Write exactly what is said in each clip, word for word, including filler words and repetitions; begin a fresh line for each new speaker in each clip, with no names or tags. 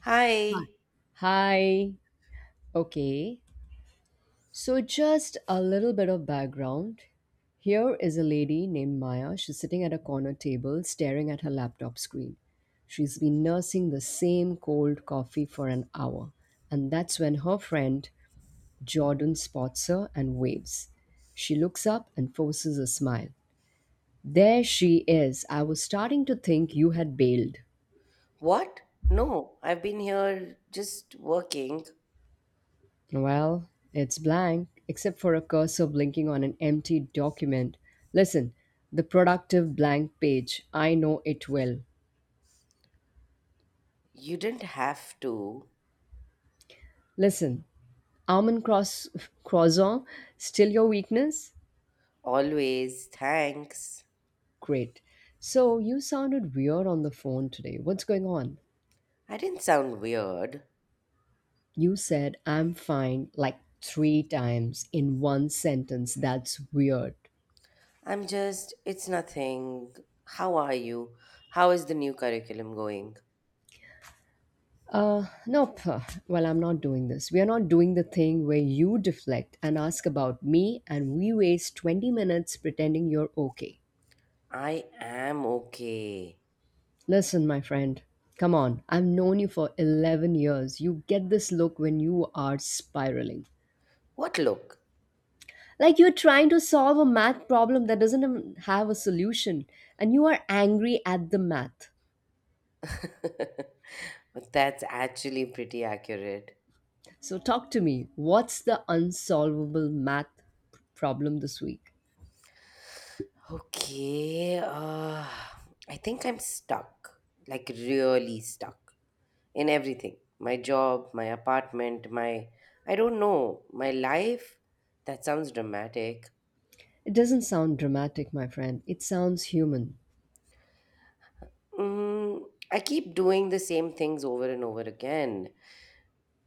Hi.
Hi. Okay. So, just a little bit of background. Here is a lady named Maya. She's sitting at a corner table staring at her laptop screen. She's been nursing the same cold coffee for an hour. And that's when her friend Jordan spots her and waves. She looks up and forces a smile. There she is. I was starting to think you had bailed.
What? No, I've been here just working.
Well, it's blank, except for a cursor blinking on an empty document. Listen, the productive blank page. I know it well.
You didn't have to.
Listen, almond cross croissant, still your weakness?
Always, thanks.
Great. So you sounded weird on the phone today. What's going on?
I didn't sound weird.
You said I'm fine like three times in one sentence. That's weird.
I'm just, it's nothing. How are you? How is the new curriculum going?
Uh, nope. Well, I'm not doing this. We are not doing the thing where you deflect and ask about me, and we waste twenty minutes pretending you're okay.
I am okay.
Listen, my friend, come on. I've known you for eleven years. You get this look when you are spiraling.
What look?
Like you're trying to solve a math problem that doesn't even have a solution, and you are angry at the math.
That's actually pretty accurate.
So, talk to me. What's the unsolvable math problem this week?
Okay, uh, I think I'm stuck. Like, really stuck. In everything, my job, my apartment, my I don't know, my life. That sounds dramatic.
It doesn't sound dramatic, my friend. It sounds human.
Mm, I keep doing the same things over and over again.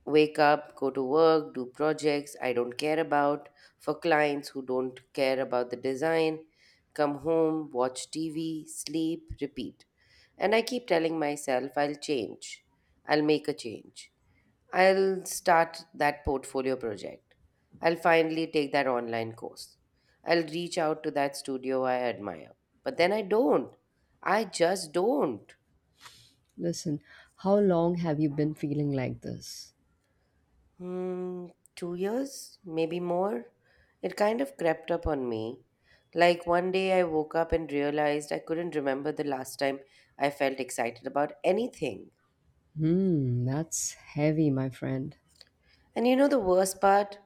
Wake up, go to work, do projects I don't care about for clients who don't care about the design, come home, watch T V, sleep, repeat. And I keep telling myself I'll change. I'll make a change. I'll start that portfolio project. I'll finally take that online course. I'll reach out to that studio I admire. But then I don't. I just don't.
Listen, how long have you been feeling like this?
Hmm, two years, maybe more. It kind of crept up on me. Like one day I woke up and realized I couldn't remember the last time I felt excited about anything.
Hmm, that's heavy, my friend.
And you know the worst part?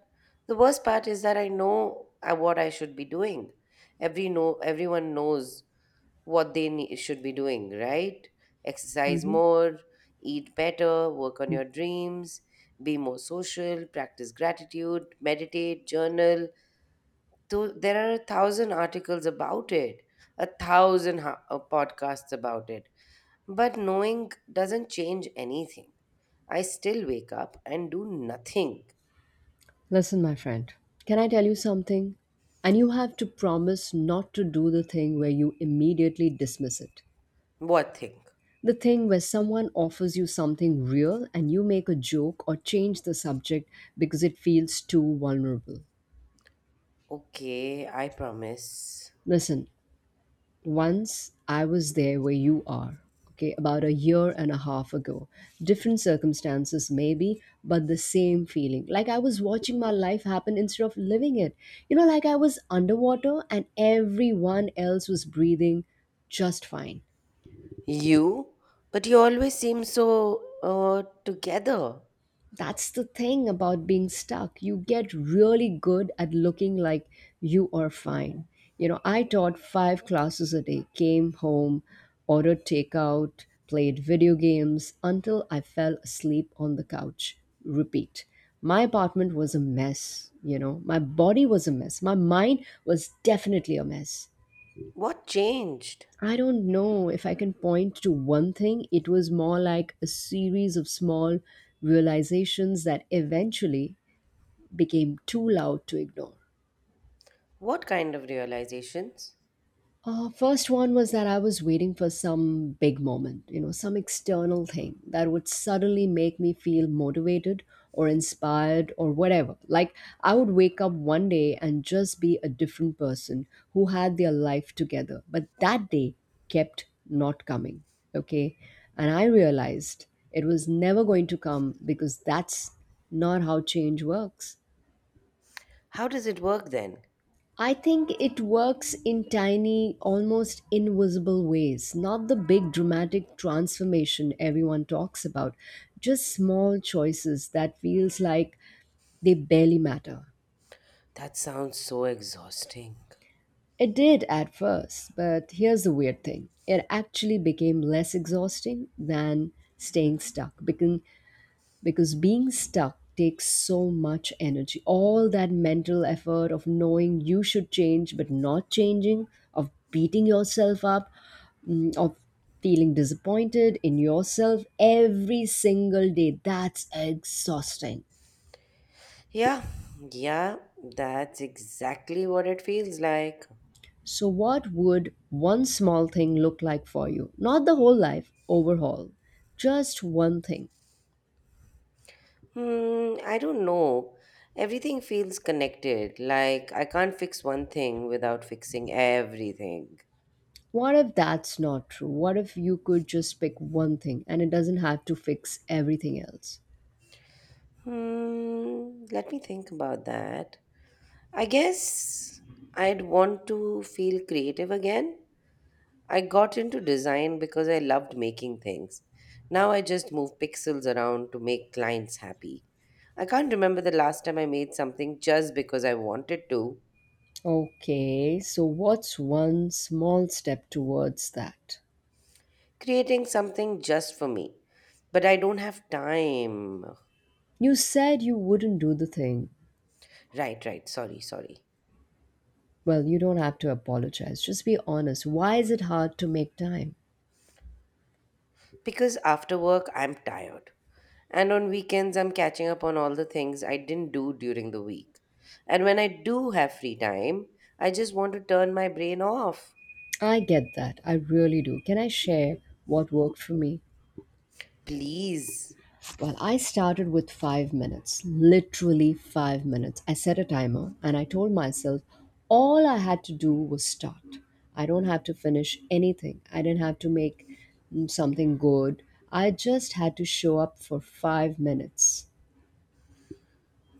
The worst part is that I know uh, what I should be doing. Every no Everyone knows what they nee- should be doing, right? Exercise
Mhm.
more, eat better, work on your dreams, be more social, practice gratitude, meditate, journal. So there are a thousand articles about it, a thousand ha- uh, podcasts about it. But knowing doesn't change anything. I still wake up and do nothing.
Listen, my friend, can I tell you something? And you have to promise not to do the thing where you immediately dismiss it.
What thing?
The thing where someone offers you something real and you make a joke or change the subject because it feels too vulnerable.
Okay, I promise.
Listen, once I was there where you are, okay, about a year and a half ago. Different circumstances, maybe, but the same feeling. Like I was watching my life happen instead of living it. You know, like I was underwater and everyone else was breathing just fine.
You? But you always seem so uh, together.
That's the thing about being stuck. You get really good at looking like you are fine. You know, I taught five classes a day, came home, ordered takeout, played video games until I fell asleep on the couch. Repeat. My apartment was a mess, you know. My body was a mess. My mind was definitely a mess.
What changed?
I don't know if I can point to one thing. It was more like a series of small realizations that eventually became too loud to ignore.
What kind of realizations?
Uh, first one was that I was waiting for some big moment, you know, some external thing that would suddenly make me feel motivated or inspired or whatever. Like I would wake up one day and just be a different person who had their life together. But that day kept not coming, okay? And I realized it was never going to come because that's not how change works.
How does it work then?
I think it works in tiny, almost invisible ways, not the big dramatic transformation everyone talks about, just small choices that feels like they barely matter.
That sounds so exhausting.
It did at first, but here's the weird thing. It actually became less exhausting than staying stuck because because being stuck takes so much energy. All that mental effort of knowing you should change but not changing, of beating yourself up, mm, of feeling disappointed in yourself every single day. That's exhausting.
Yeah, yeah, that's exactly what it feels like.
So, what would one small thing look like for you? Not the whole life overhaul, just one thing.
Hmm, I don't know. Everything feels connected, like I can't fix one thing without fixing everything.
What if that's not true? What if you could just pick one thing and it doesn't have to fix everything else?
Hmm, let me think about that. I guess I'd want to feel creative again. I got into design because I loved making things. Now I just move pixels around to make clients happy. I can't remember the last time I made something just because I wanted to,
Okay, so what's one small step towards that?
creating something just for me. But I don't have time.
You said you wouldn't do the thing.
Right, right, sorry, sorry.
Well, you don't have to apologize. Just be honest. Why is it hard to make time?
Because after work, I'm tired. And on weekends, I'm catching up on all the things I didn't do during the week. And when I do have free time, I just want to turn my brain off.
I get that. I really do. Can I share what worked for me?
Please.
Well, I started with five minutes, literally five minutes. I set a timer and I told myself all I had to do was start. I don't have to finish anything, I didn't have to make mm, something good. I just had to show up for five minutes.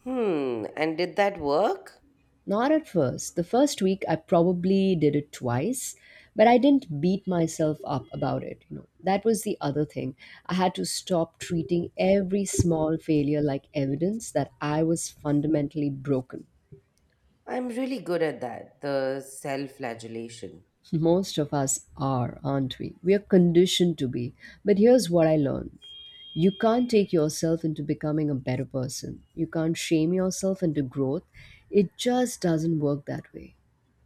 Hmm, and did that work?
Not at first. The first week I probably did it twice, but I didn't beat myself up about it, you know. That was the other thing. I had to stop treating every small failure like evidence that I was fundamentally broken.
I'm really good at that, the self flagellation.
Most of us are, aren't we? We are conditioned to be. But here's what I learned. You can't take yourself into becoming a better person. You can't shame yourself into growth. It just doesn't work that way.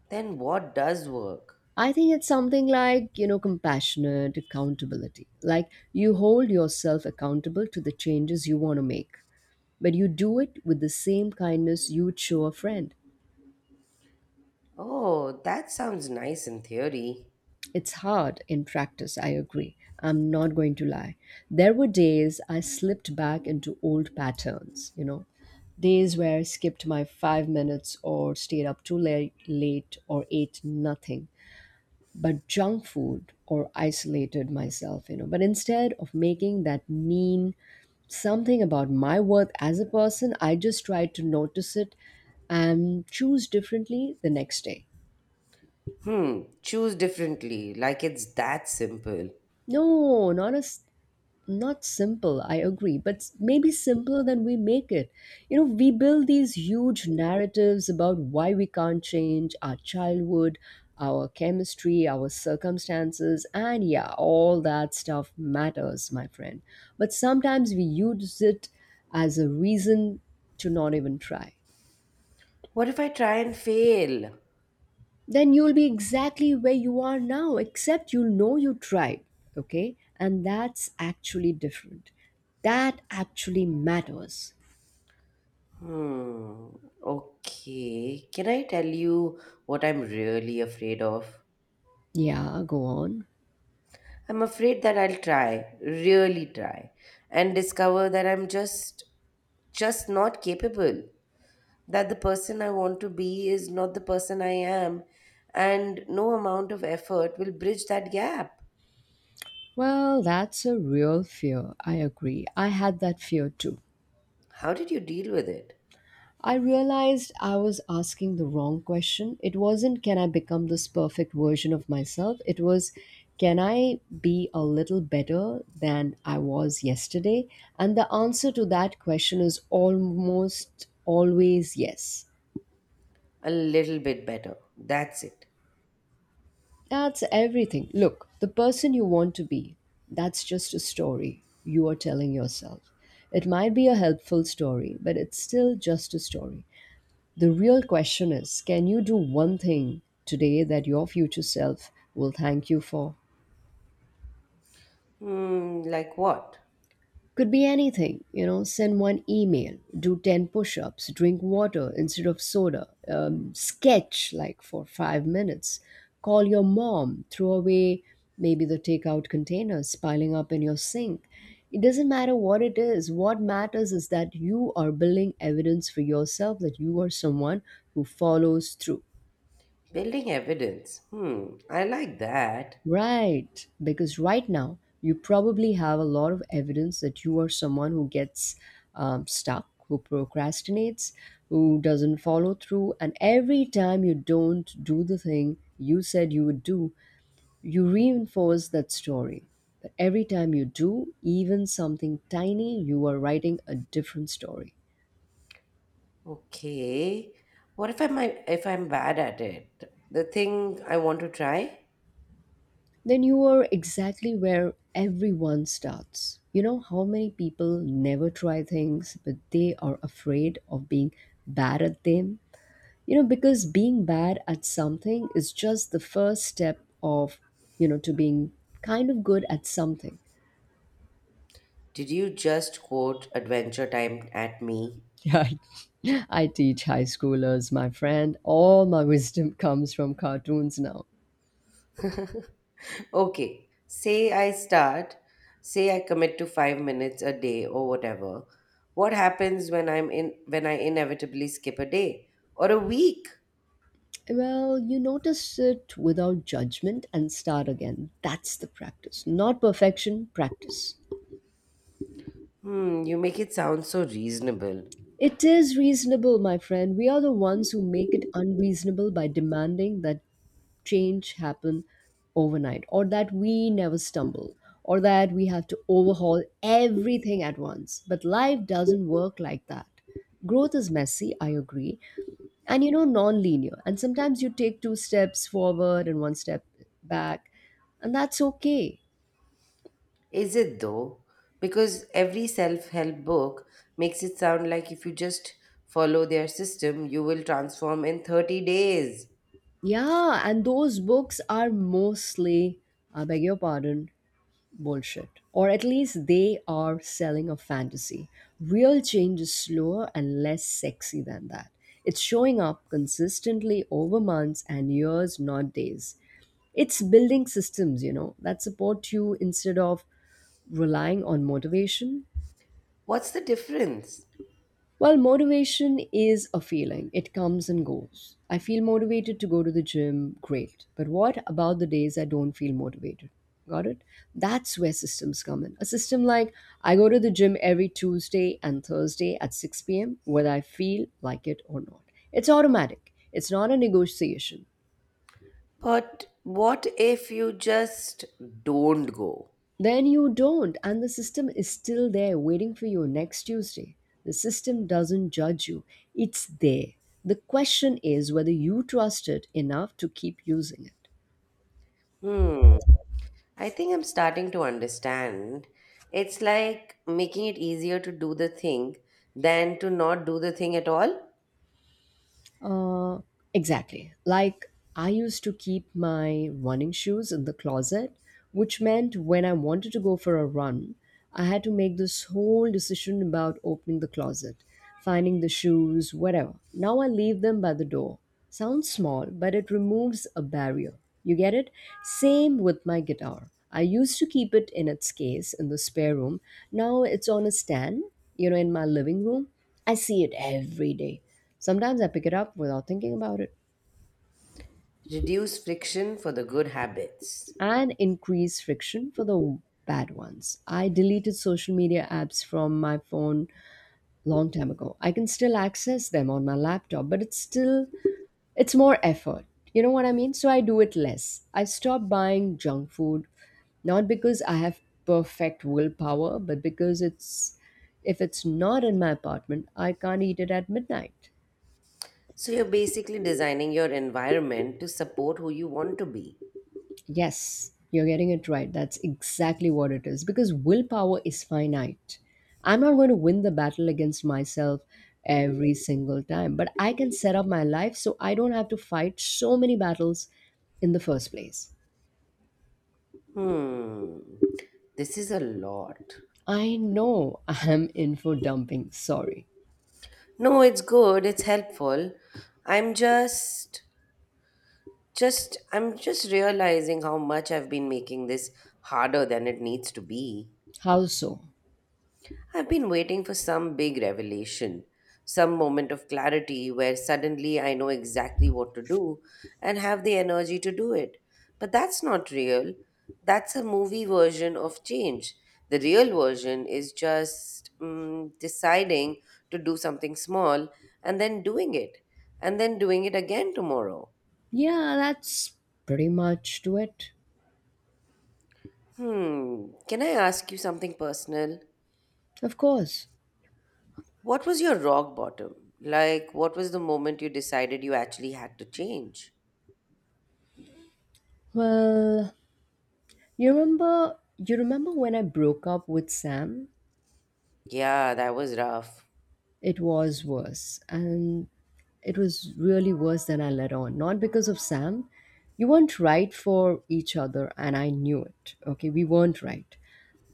Then what does work?
I think it's something like, you know, compassionate accountability. Like you hold yourself accountable to the changes you want to make, but you do it with the same kindness you would show a friend.
Oh, that sounds nice in theory.
It's hard in practice, I agree. I'm not going to lie. There were days I slipped back into old patterns, you know, days where I skipped my five minutes or stayed up too late, late or ate nothing but junk food or isolated myself, you know. But instead of making that mean something about my worth as a person, I just tried to notice it and choose differently the next day.
Hmm, choose differently, like it's that simple.
No, not a s- not simple, I agree, but s- maybe simpler than we make it. You know, we build these huge narratives about why we can't change: our childhood, our chemistry, our circumstances. And yeah, all that stuff matters, my friend, but sometimes we use it as a reason to not even try.
What if I try and fail?
Then you'll be exactly where you are now, except you'll know you tried, okay? And that's actually different. That actually matters.
Hmm, okay. Can I tell you what I'm really afraid of?
Yeah, go on.
I'm afraid that I'll try, really try, and discover that I'm just just not capable. That the person I want to be is not the person I am, and no amount of effort will bridge that gap.
Well, that's a real fear. I agree. I had that fear too.
How did you deal with it?
I realized I was asking the wrong question. It wasn't, can I become this perfect version of myself? It was, can I be a little better than I was yesterday? And the answer to that question is almost always yes.
A little bit better. That's it.
That's everything. Look, the person you want to be, that's just a story you are telling yourself. It might be a helpful story, but it's still just a story. The real question is, can you do one thing today that your future self will thank you for?
Hmm, like what?
Could be anything, you know, send one email, do ten push ups, drink water instead of soda, um, sketch like for five minutes, call your mom, throw away maybe the takeout containers piling up in your sink. It doesn't matter what it is. What matters is that you are building evidence for yourself that you are someone who follows through.
Building evidence. Hmm, I like that.
Right, because right now you probably have a lot of evidence that you are someone who gets um, stuck, who procrastinates, who doesn't follow through, and every time you don't do the thing you said you would do, you reinforce that story. But every time you do, even something tiny, you are writing a different story.
Okay. What if I'm if I'm bad at it? The thing I want to try?
Then you are exactly where everyone starts. You know how many people never try things, but they are afraid of being bad at them? You know, because being bad at something is just the first step of, you know, to being kind of good at something.
Did you just quote Adventure Time at me?
Yeah, I teach high schoolers, my friend. All my wisdom comes from cartoons now.
Okay, say I start, say I commit to five minutes a day or whatever. What happens when I'm in when I inevitably skip a day or a week?
Well, you notice it without judgment and start again. That's the practice. Not perfection, practice.
Hmm, you make it sound so reasonable.
It is reasonable, my friend. We are the ones who make it unreasonable by demanding that change happen overnight, or that we never stumble, or that we have to overhaul everything at once. But life doesn't work like that. Growth is messy, I agree, and you know, non-linear, and sometimes you take two steps forward and one step back, and that's okay.
Is it though? Because every self-help book makes it sound like if you just follow their system, you will transform in thirty days.
Yeah, and those books are mostly, I beg your pardon, bullshit, or at least they are selling a fantasy. Real change is slower and less sexy than that. It's showing up consistently over months and years, not days. It's building systems, you know, that support you instead of relying on motivation.
What's the difference?
Well, motivation is a feeling. It comes and goes. I feel motivated to go to the gym, great. But what about the days I don't feel motivated? Got it? That's where systems come in. A system like, I go to the gym every Tuesday and Thursday at six p m, whether I feel like it or not. It's automatic, it's not a negotiation.
But what if you just don't go?
Then you don't, and the system is still there waiting for you next Tuesday. The system doesn't judge you, it's there. The question is whether you trust it enough to keep using it.
Hmm. I think I'm starting to understand. It's like making it easier to do the thing than to not do the thing at all.
Uh, exactly. Like I used to keep my running shoes in the closet, which meant when I wanted to go for a run, I had to make this whole decision about opening the closet, finding the shoes, whatever. Now I leave them by the door. Sounds small, but it removes a barrier. You get it? Same with my guitar. I used to keep it in its case in the spare room. Now it's on a stand, you know, in my living room. I see it every day. Sometimes I pick it up without thinking about it
Reduce friction for the good habits.
and increase friction for the bad ones. I deleted social media apps from my phone long time ago. I can still access them on my laptop, but it's still it's more effort. You know what I mean? So I do it less. I stop buying junk food not because I have perfect willpower, but because it's if it's not in my apartment, I can't eat it at midnight.
So you're basically designing your environment to support who you want to be.
Yes, you're getting it right. That's exactly what it is because willpower is finite. I'm not going to win the battle against myself every single time, but I can set up my life so I don't have to fight so many battles in the first place.
Hmm. This is a lot.
I know I'm in for dumping, sorry.
No, it's good. It's helpful. I'm just just I'm just realizing how much I've been making this harder than it needs to be.
How so?
I've been waiting for some big revelation, some moment of clarity where suddenly I know exactly what to do and have the energy to do it. But that's not real. That's a movie version of change. The real version is just mm, deciding to do something small and then doing it, and then doing it again tomorrow.
Yeah, that's pretty much to it.
Hmm, can I ask you something personal?
Of course.
What was your rock bottom? Like, what was the moment you decided you actually had to change?
Well, you remember you remember when I broke up with Sam?
Yeah, that was rough.
It was worse. And it was really worse than I let on. Not because of Sam. You weren't right for each other, and I knew it. Okay, we weren't right.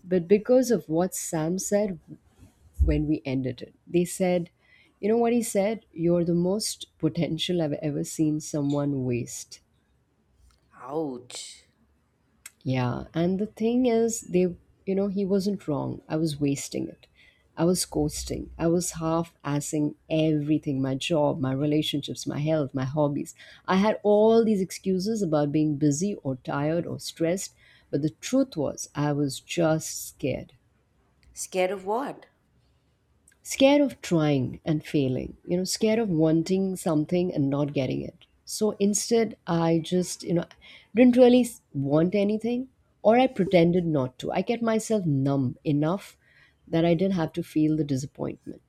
But because of what Sam said when we ended it, they said, you know what he said? You're the most potential I've ever seen someone waste.
Ouch.
Yeah, and the thing is, they, you know, he wasn't wrong. I was wasting it. I was coasting. I was half assing everything, my job, my relationships, my health, my hobbies. I had all these excuses about being busy or tired or stressed, but the truth was, I was just scared,
Scared of what?
scared of trying and failing, you know scared of wanting something and not getting it. So instead, i just you know didn't really s- want anything, or I pretended not to. I kept myself numb enough that I didn't have to feel the disappointment.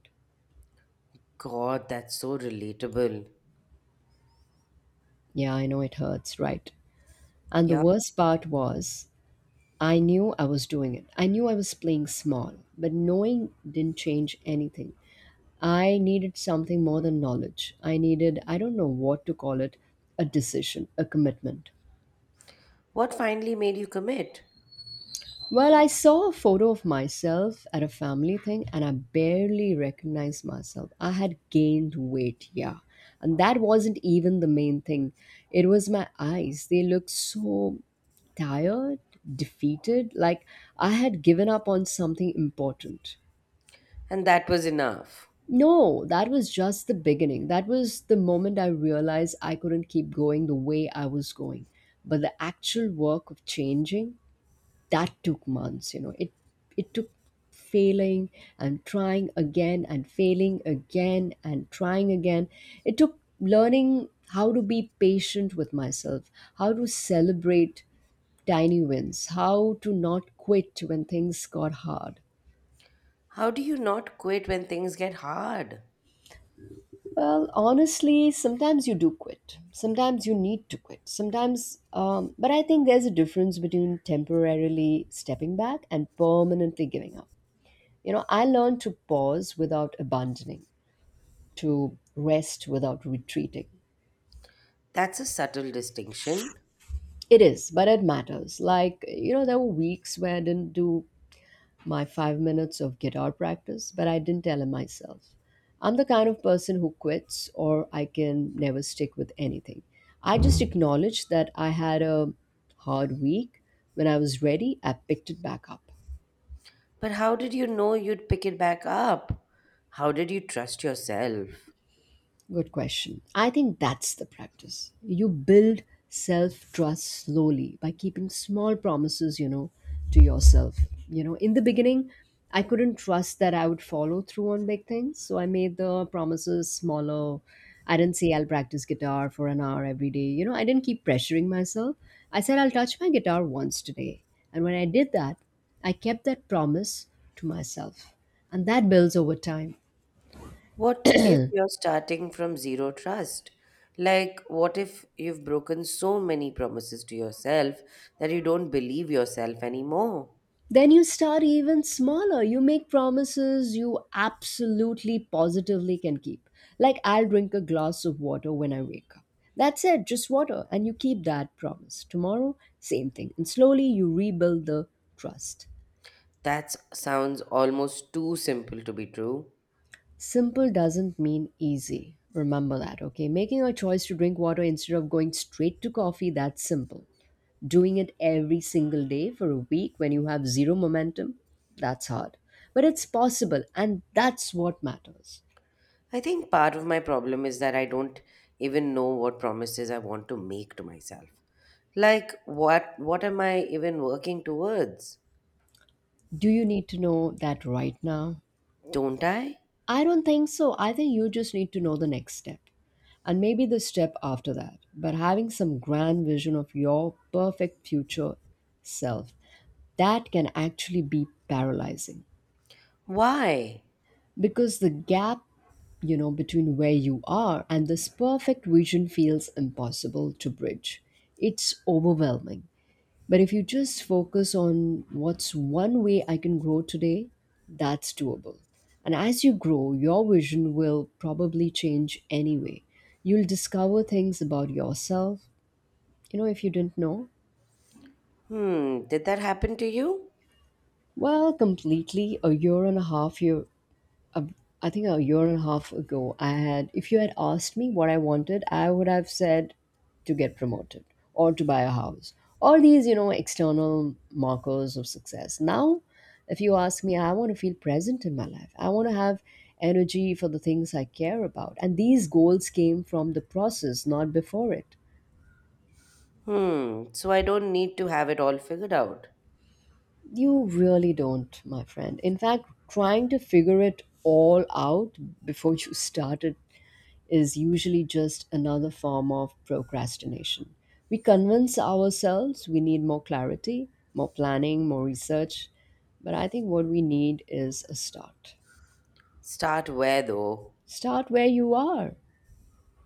God, that's so relatable.
Yeah, I know it hurts, right? And the
Yeah.
worst part was, I knew I was doing it. I knew I was playing small, but knowing didn't change anything. I needed something more than knowledge. I needed, I don't know what to call it, a decision, a commitment.
What finally made you commit?
Well, I saw a photo of myself at a family thing and I barely recognized myself. I had gained weight, yeah. And that wasn't even the main thing. It was my eyes. They looked so tired, defeated, like I had given up on something important.
And that was enough.
No, that was just the beginning. That was the moment I realized I couldn't keep going the way I was going. But the actual work of changing, that took months, you know. It it took failing and trying again and failing again and trying again. It took learning how to be patient with myself, how to celebrate tiny wins, how to not quit when things got hard.
How do you not quit when things get hard?
Well, honestly, sometimes you do quit. Sometimes you need to quit. Sometimes, um, but I think there's a difference between temporarily stepping back and permanently giving up. You know, I learned to pause without abandoning, to rest without retreating.
That's a subtle distinction.
It is, but it matters. Like, you know, there were weeks where I didn't do my five minutes of guitar practice, but I didn't tell him myself. I'm the kind of person who quits or I can never stick with anything. I just acknowledged that I had a hard week. When I was ready, I picked it back up.
But how did you know you'd pick it back up? How did you trust yourself?
Good question. I think that's the practice. You build self trust slowly by keeping small promises, you know, to yourself. You know, in the beginning, I couldn't trust that I would follow through on big things. So I made the promises smaller. I didn't say I'll practice guitar for an hour every day. You know, I didn't keep pressuring myself. I said I'll touch my guitar once today. And when I did that, I kept that promise to myself. And that builds over time.
What if you're starting from zero trust? Like, what if you've broken so many promises to yourself that you don't believe yourself anymore?
Then you start even smaller. You make promises you absolutely positively can keep. Like, I'll drink a glass of water when I wake up. That's it, just water. And you keep that promise. Tomorrow, same thing. And slowly you rebuild the trust.
That sounds almost too simple to be true.
Simple doesn't mean easy. Remember that, okay? Making a choice to drink water instead of going straight to coffee, that's simple. Doing it every single day for a week when you have zero momentum, that's hard. But it's possible, and that's what matters.
I think part of my problem is that I don't even know what promises I want to make to myself. Like, what, what am I even working towards?
Do you need to know that right now?
Don't I?
I don't think so. I think you just need to know the next step and maybe the step after that. But having some grand vision of your perfect future self, that can actually be paralyzing.
Why?
Because the gap, you know, between where you are and this perfect vision feels impossible to bridge. It's overwhelming. But if you just focus on what's one way I can grow today, that's doable. And as you grow, your vision will probably change anyway. You'll discover things about yourself, you know, if you didn't know.
Hmm, did that happen to you?
Well completely a year and a half year a, I think a year and a half ago, I had, if you had asked me what I wanted, I would have said to get promoted or to buy a house. All these, you know, external markers of success. Now, if you ask me, I want to feel present in my life. I want to have energy for the things I care about. And these goals came from the process, not before it.
Hmm, so I don't need to have it all figured out.
You really don't, my friend. In fact, trying to figure it all out before you started is usually just another form of procrastination. We convince ourselves we need more clarity, more planning, more research, but I think what we need is a start.
Start where though?
Start where you are,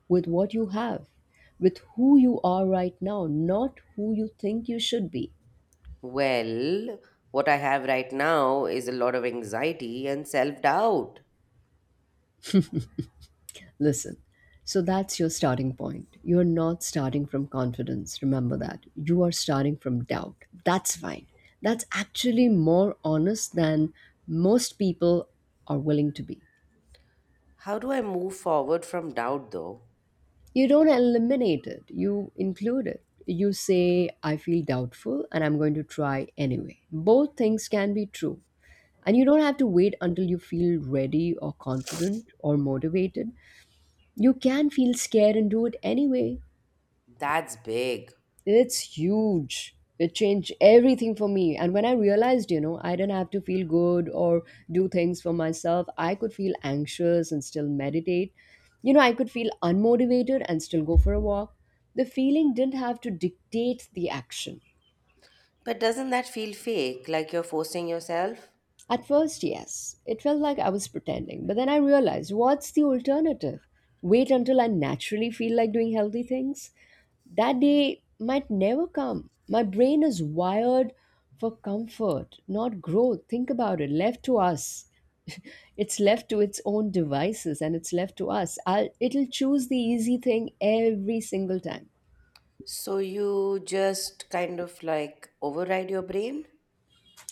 with what you have, with who you are right now, not who you think you should be.
Well, what I have right now is a lot of anxiety and self doubt.
Listen, so that's your starting point. You're not starting from confidence. Remember that. You are starting from doubt. That's fine. That's actually more honest than most people are willing to be.
How do I move forward from doubt though?
You don't eliminate it, you include it. You say, I feel doubtful and I'm going to try anyway. Both things can be true. And you don't have to wait until you feel ready or confident or motivated. You can feel scared and do it anyway.
That's big.
It's huge. It changed everything for me. And when I realized, you know, I didn't have to feel good or do things for myself, I could feel anxious and still meditate. You know, I could feel unmotivated and still go for a walk. The feeling didn't have to dictate the action.
But doesn't that feel fake, like you're forcing yourself?
At first, yes, it felt like I was pretending, but then I realized, what's the alternative? Wait until I naturally feel like doing healthy things? That day might never come. My brain is wired for comfort, not growth. Think about it, left to us. It's left to its own devices and it's left to us. I'll, it'll choose the easy thing every single time.
So you just kind of like override your brain?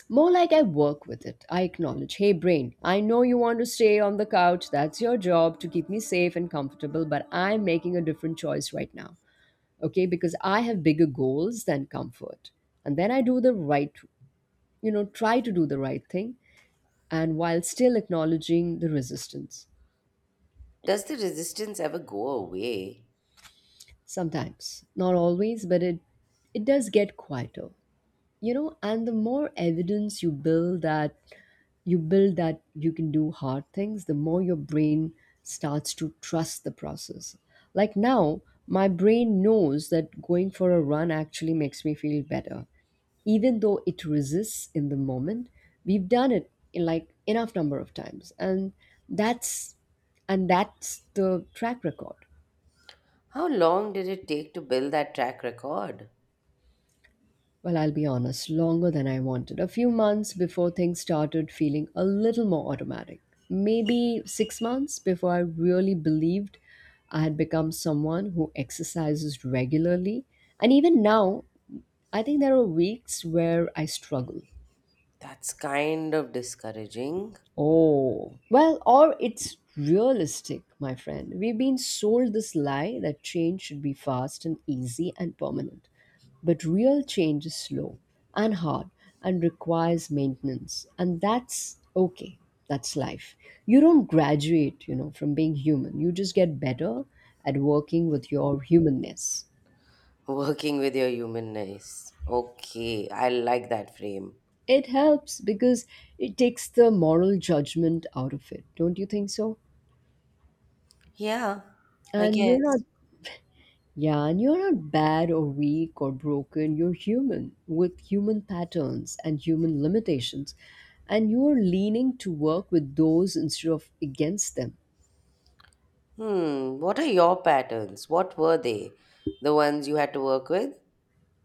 More like I work with it. I acknowledge, hey brain, I know you want to stay on the couch. That's your job to keep me safe and comfortable, but I'm making a different choice right now. Okay, because I have bigger goals than comfort. And then I do the right, you know, try to do the right thing, and while still acknowledging the resistance.
Does the resistance ever go away?
Sometimes, not always, but it it does get quieter. You know, and the more evidence you build that you build that you can do hard things, the more your brain starts to trust the process. Like now, my brain knows that going for a run actually makes me feel better, even though it resists in the moment. We've done it in like enough number of times, and that's and that's the track record.
How long did it take to build that track record?
Well, I'll be honest, longer than I wanted. A few months before things started feeling a little more automatic. Maybe six months before I really believed I had become someone who exercises regularly. And even now, I think there are weeks where I struggle.
That's kind of discouraging.
Oh, well, or it's realistic, my friend. We've been sold this lie that change should be fast and easy and permanent. But real change is slow and hard and requires maintenance. And that's okay. That's life. You don't graduate, you know, from being human. You just get better at working with your humanness.
Working with your humanness. Okay, I like that frame.
It helps because it takes the moral judgment out of it. Don't you think so?
Yeah, I
And you're not—
guess.
Yeah, and you're not bad or weak or broken. You're human with human patterns and human limitations. And you're leaning to work with those instead of against them.
Hmm, what are your patterns? What were they? The ones you had to work with?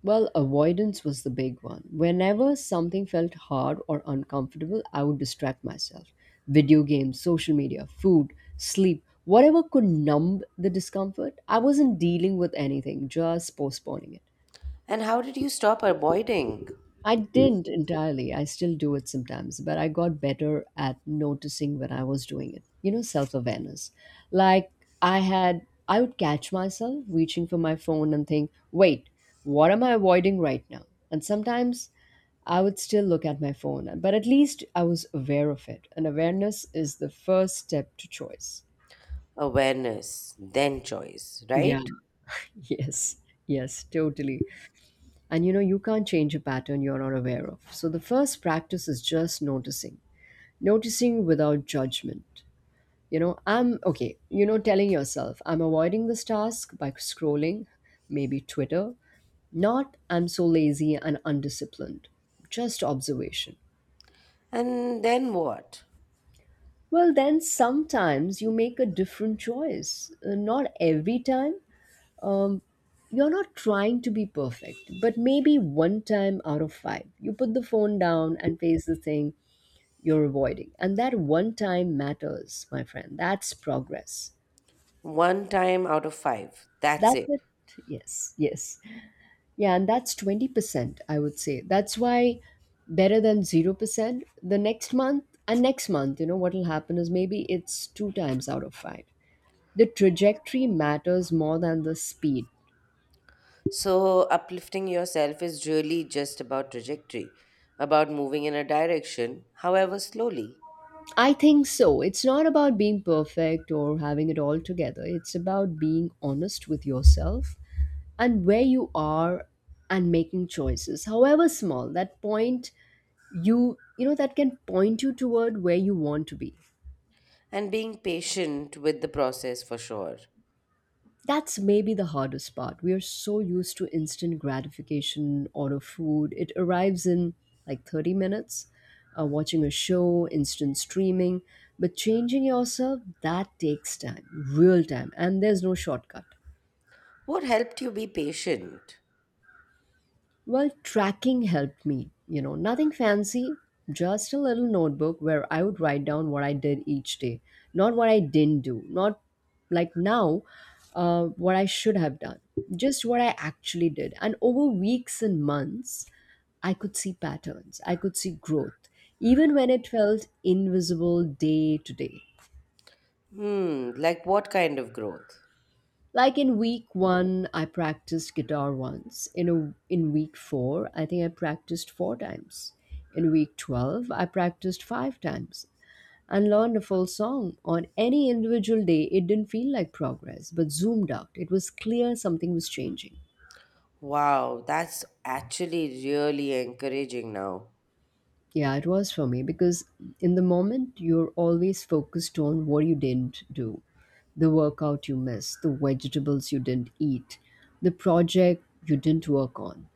Well, avoidance was the big one. Whenever something felt hard or uncomfortable, I would distract myself. Video games, social media, food, sleep, whatever could numb the discomfort. I wasn't dealing with anything, just postponing it.
And how did you stop avoiding?
I didn't entirely. I still do it sometimes, but I got better at noticing when I was doing it. You know, self awareness. Like I had, I would catch myself reaching for my phone and think, wait, what am I avoiding right now? And sometimes I would still look at my phone, but at least I was aware of it. And awareness is the first step to choice.
Awareness, then choice,
Yeah,
right?
yes, yes, totally. And you know, you can't change a pattern you're not aware of. So the first practice is just noticing, noticing without judgment. You know, I'm okay you know telling yourself, "I'm avoiding this task by scrolling maybe Twitter," not, "I'm so lazy and undisciplined," just observation.
And then what?
Well, then sometimes you make a different choice. Uh, not every time. um, you're not trying to be perfect, but maybe one time out of five you put the phone down and face the thing you're avoiding, and that one time matters, my friend. That's progress.
One time out of five. That's
That's
it.
it. Yes, yes. Yeah, and that's twenty percent, I would say. That's why better than zero percent. The next month and next month, you know, what will happen is maybe it's two times out of five. The trajectory matters more than the speed.
So, uplifting yourself is really just about trajectory, about moving in a direction, however slowly.
I think so. It's not about being perfect or having it all together. It's about being honest with yourself and where you are and making choices, however small. That point you you know that can point you toward where you want to be.
And being patient with the process for sure.
That's maybe the hardest part. We are so used to instant gratification. Order food, it arrives in like 30 minutes. Uh, watching a show, instant streaming. But changing yourself, that takes time, real time, and there's no shortcut.
What helped you be patient?
Well, tracking helped me. You know, nothing fancy, just a little notebook where I would write down what I did each day, not what I didn't do, not like now, uh, what I should have done, just what I actually did. And over weeks and months, I could see patterns, I could see growth, even when it felt invisible day to day.
Hmm, like what kind of growth?
Like in week one, I practiced guitar once. In a, in week four, I think I practiced four times. In week twelve, I practiced five times and learned a full song. On any individual day, it didn't feel like progress, but zoomed out, it was clear something was changing.
Wow, that's actually really encouraging now.
Yeah, it was for me because in the moment, you're always focused on what you didn't do, the workout you missed, the vegetables you didn't eat, the project you didn't work on.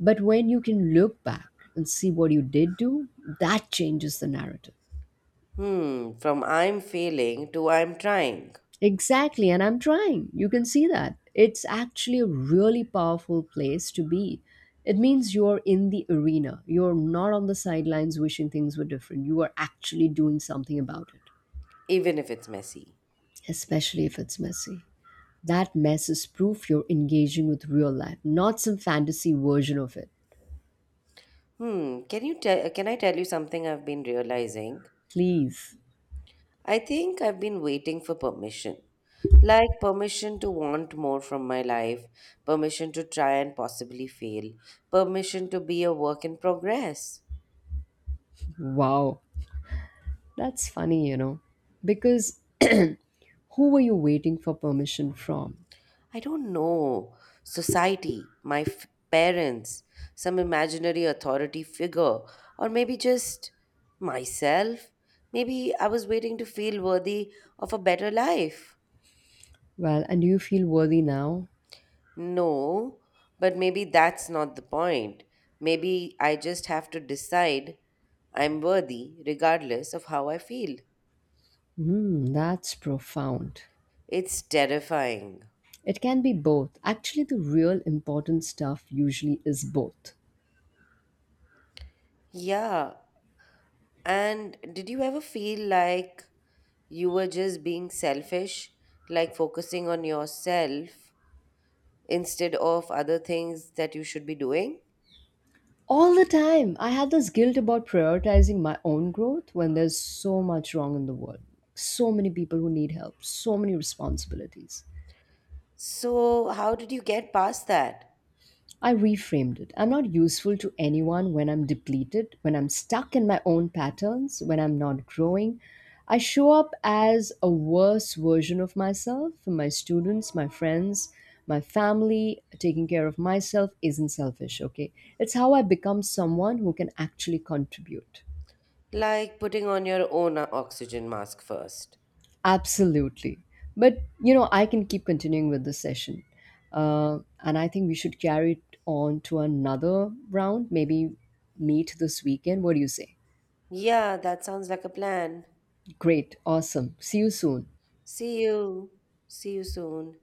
But when you can look back and see what you did do, that changes the narrative.
Hmm, from I'm failing to I'm trying,
Exactly, and I'm trying. You can see that. It's actually a really powerful place to be. It means you're in the arena. You're not on the sidelines wishing things were different. You are actually doing something about it,
even if it's messy.
especially if it's messy. That mess is proof you're engaging with real life, not some fantasy version of it.
Hmm, can you tell can I tell you something I've been realizing?
Please.
I think I've been waiting for permission. Like permission to want more from my life, permission to try and possibly fail, permission to be a work in progress.
Wow. That's funny, you know, because who were you waiting for permission from?
I don't know. Society, my f- parents, some imaginary authority figure, or maybe just myself. Maybe I was waiting to feel worthy of a better life.
Well, and do you feel worthy now?
No, but maybe that's not the point. Maybe I just have to decide I'm worthy regardless of how I feel.
Hmm, that's profound.
It's terrifying.
It can be both. Actually, the real important stuff usually is both.
Yeah. And did you ever feel like you were just being selfish, like focusing on yourself instead of other things that you should be doing?
All the time, I had this guilt about prioritizing my own growth when there's so much wrong in the world. So many people who need help, so many responsibilities.
So, how did you get past that?
I reframed it. I'm not useful to anyone when I'm depleted, when I'm stuck in my own patterns, when I'm not growing. I show up as a worse version of myself for my students, my friends, my family. Taking care of myself isn't selfish, okay? It's how I become someone who can actually contribute.
Like putting on your own uh, oxygen mask first.
Absolutely. But, you know, I can keep continuing with this session. Uh, and I think we should carry it on to another round, maybe meet this weekend. What do you say?
Yeah, that sounds like a plan.
Great. Awesome. See you soon.
See you. See you soon.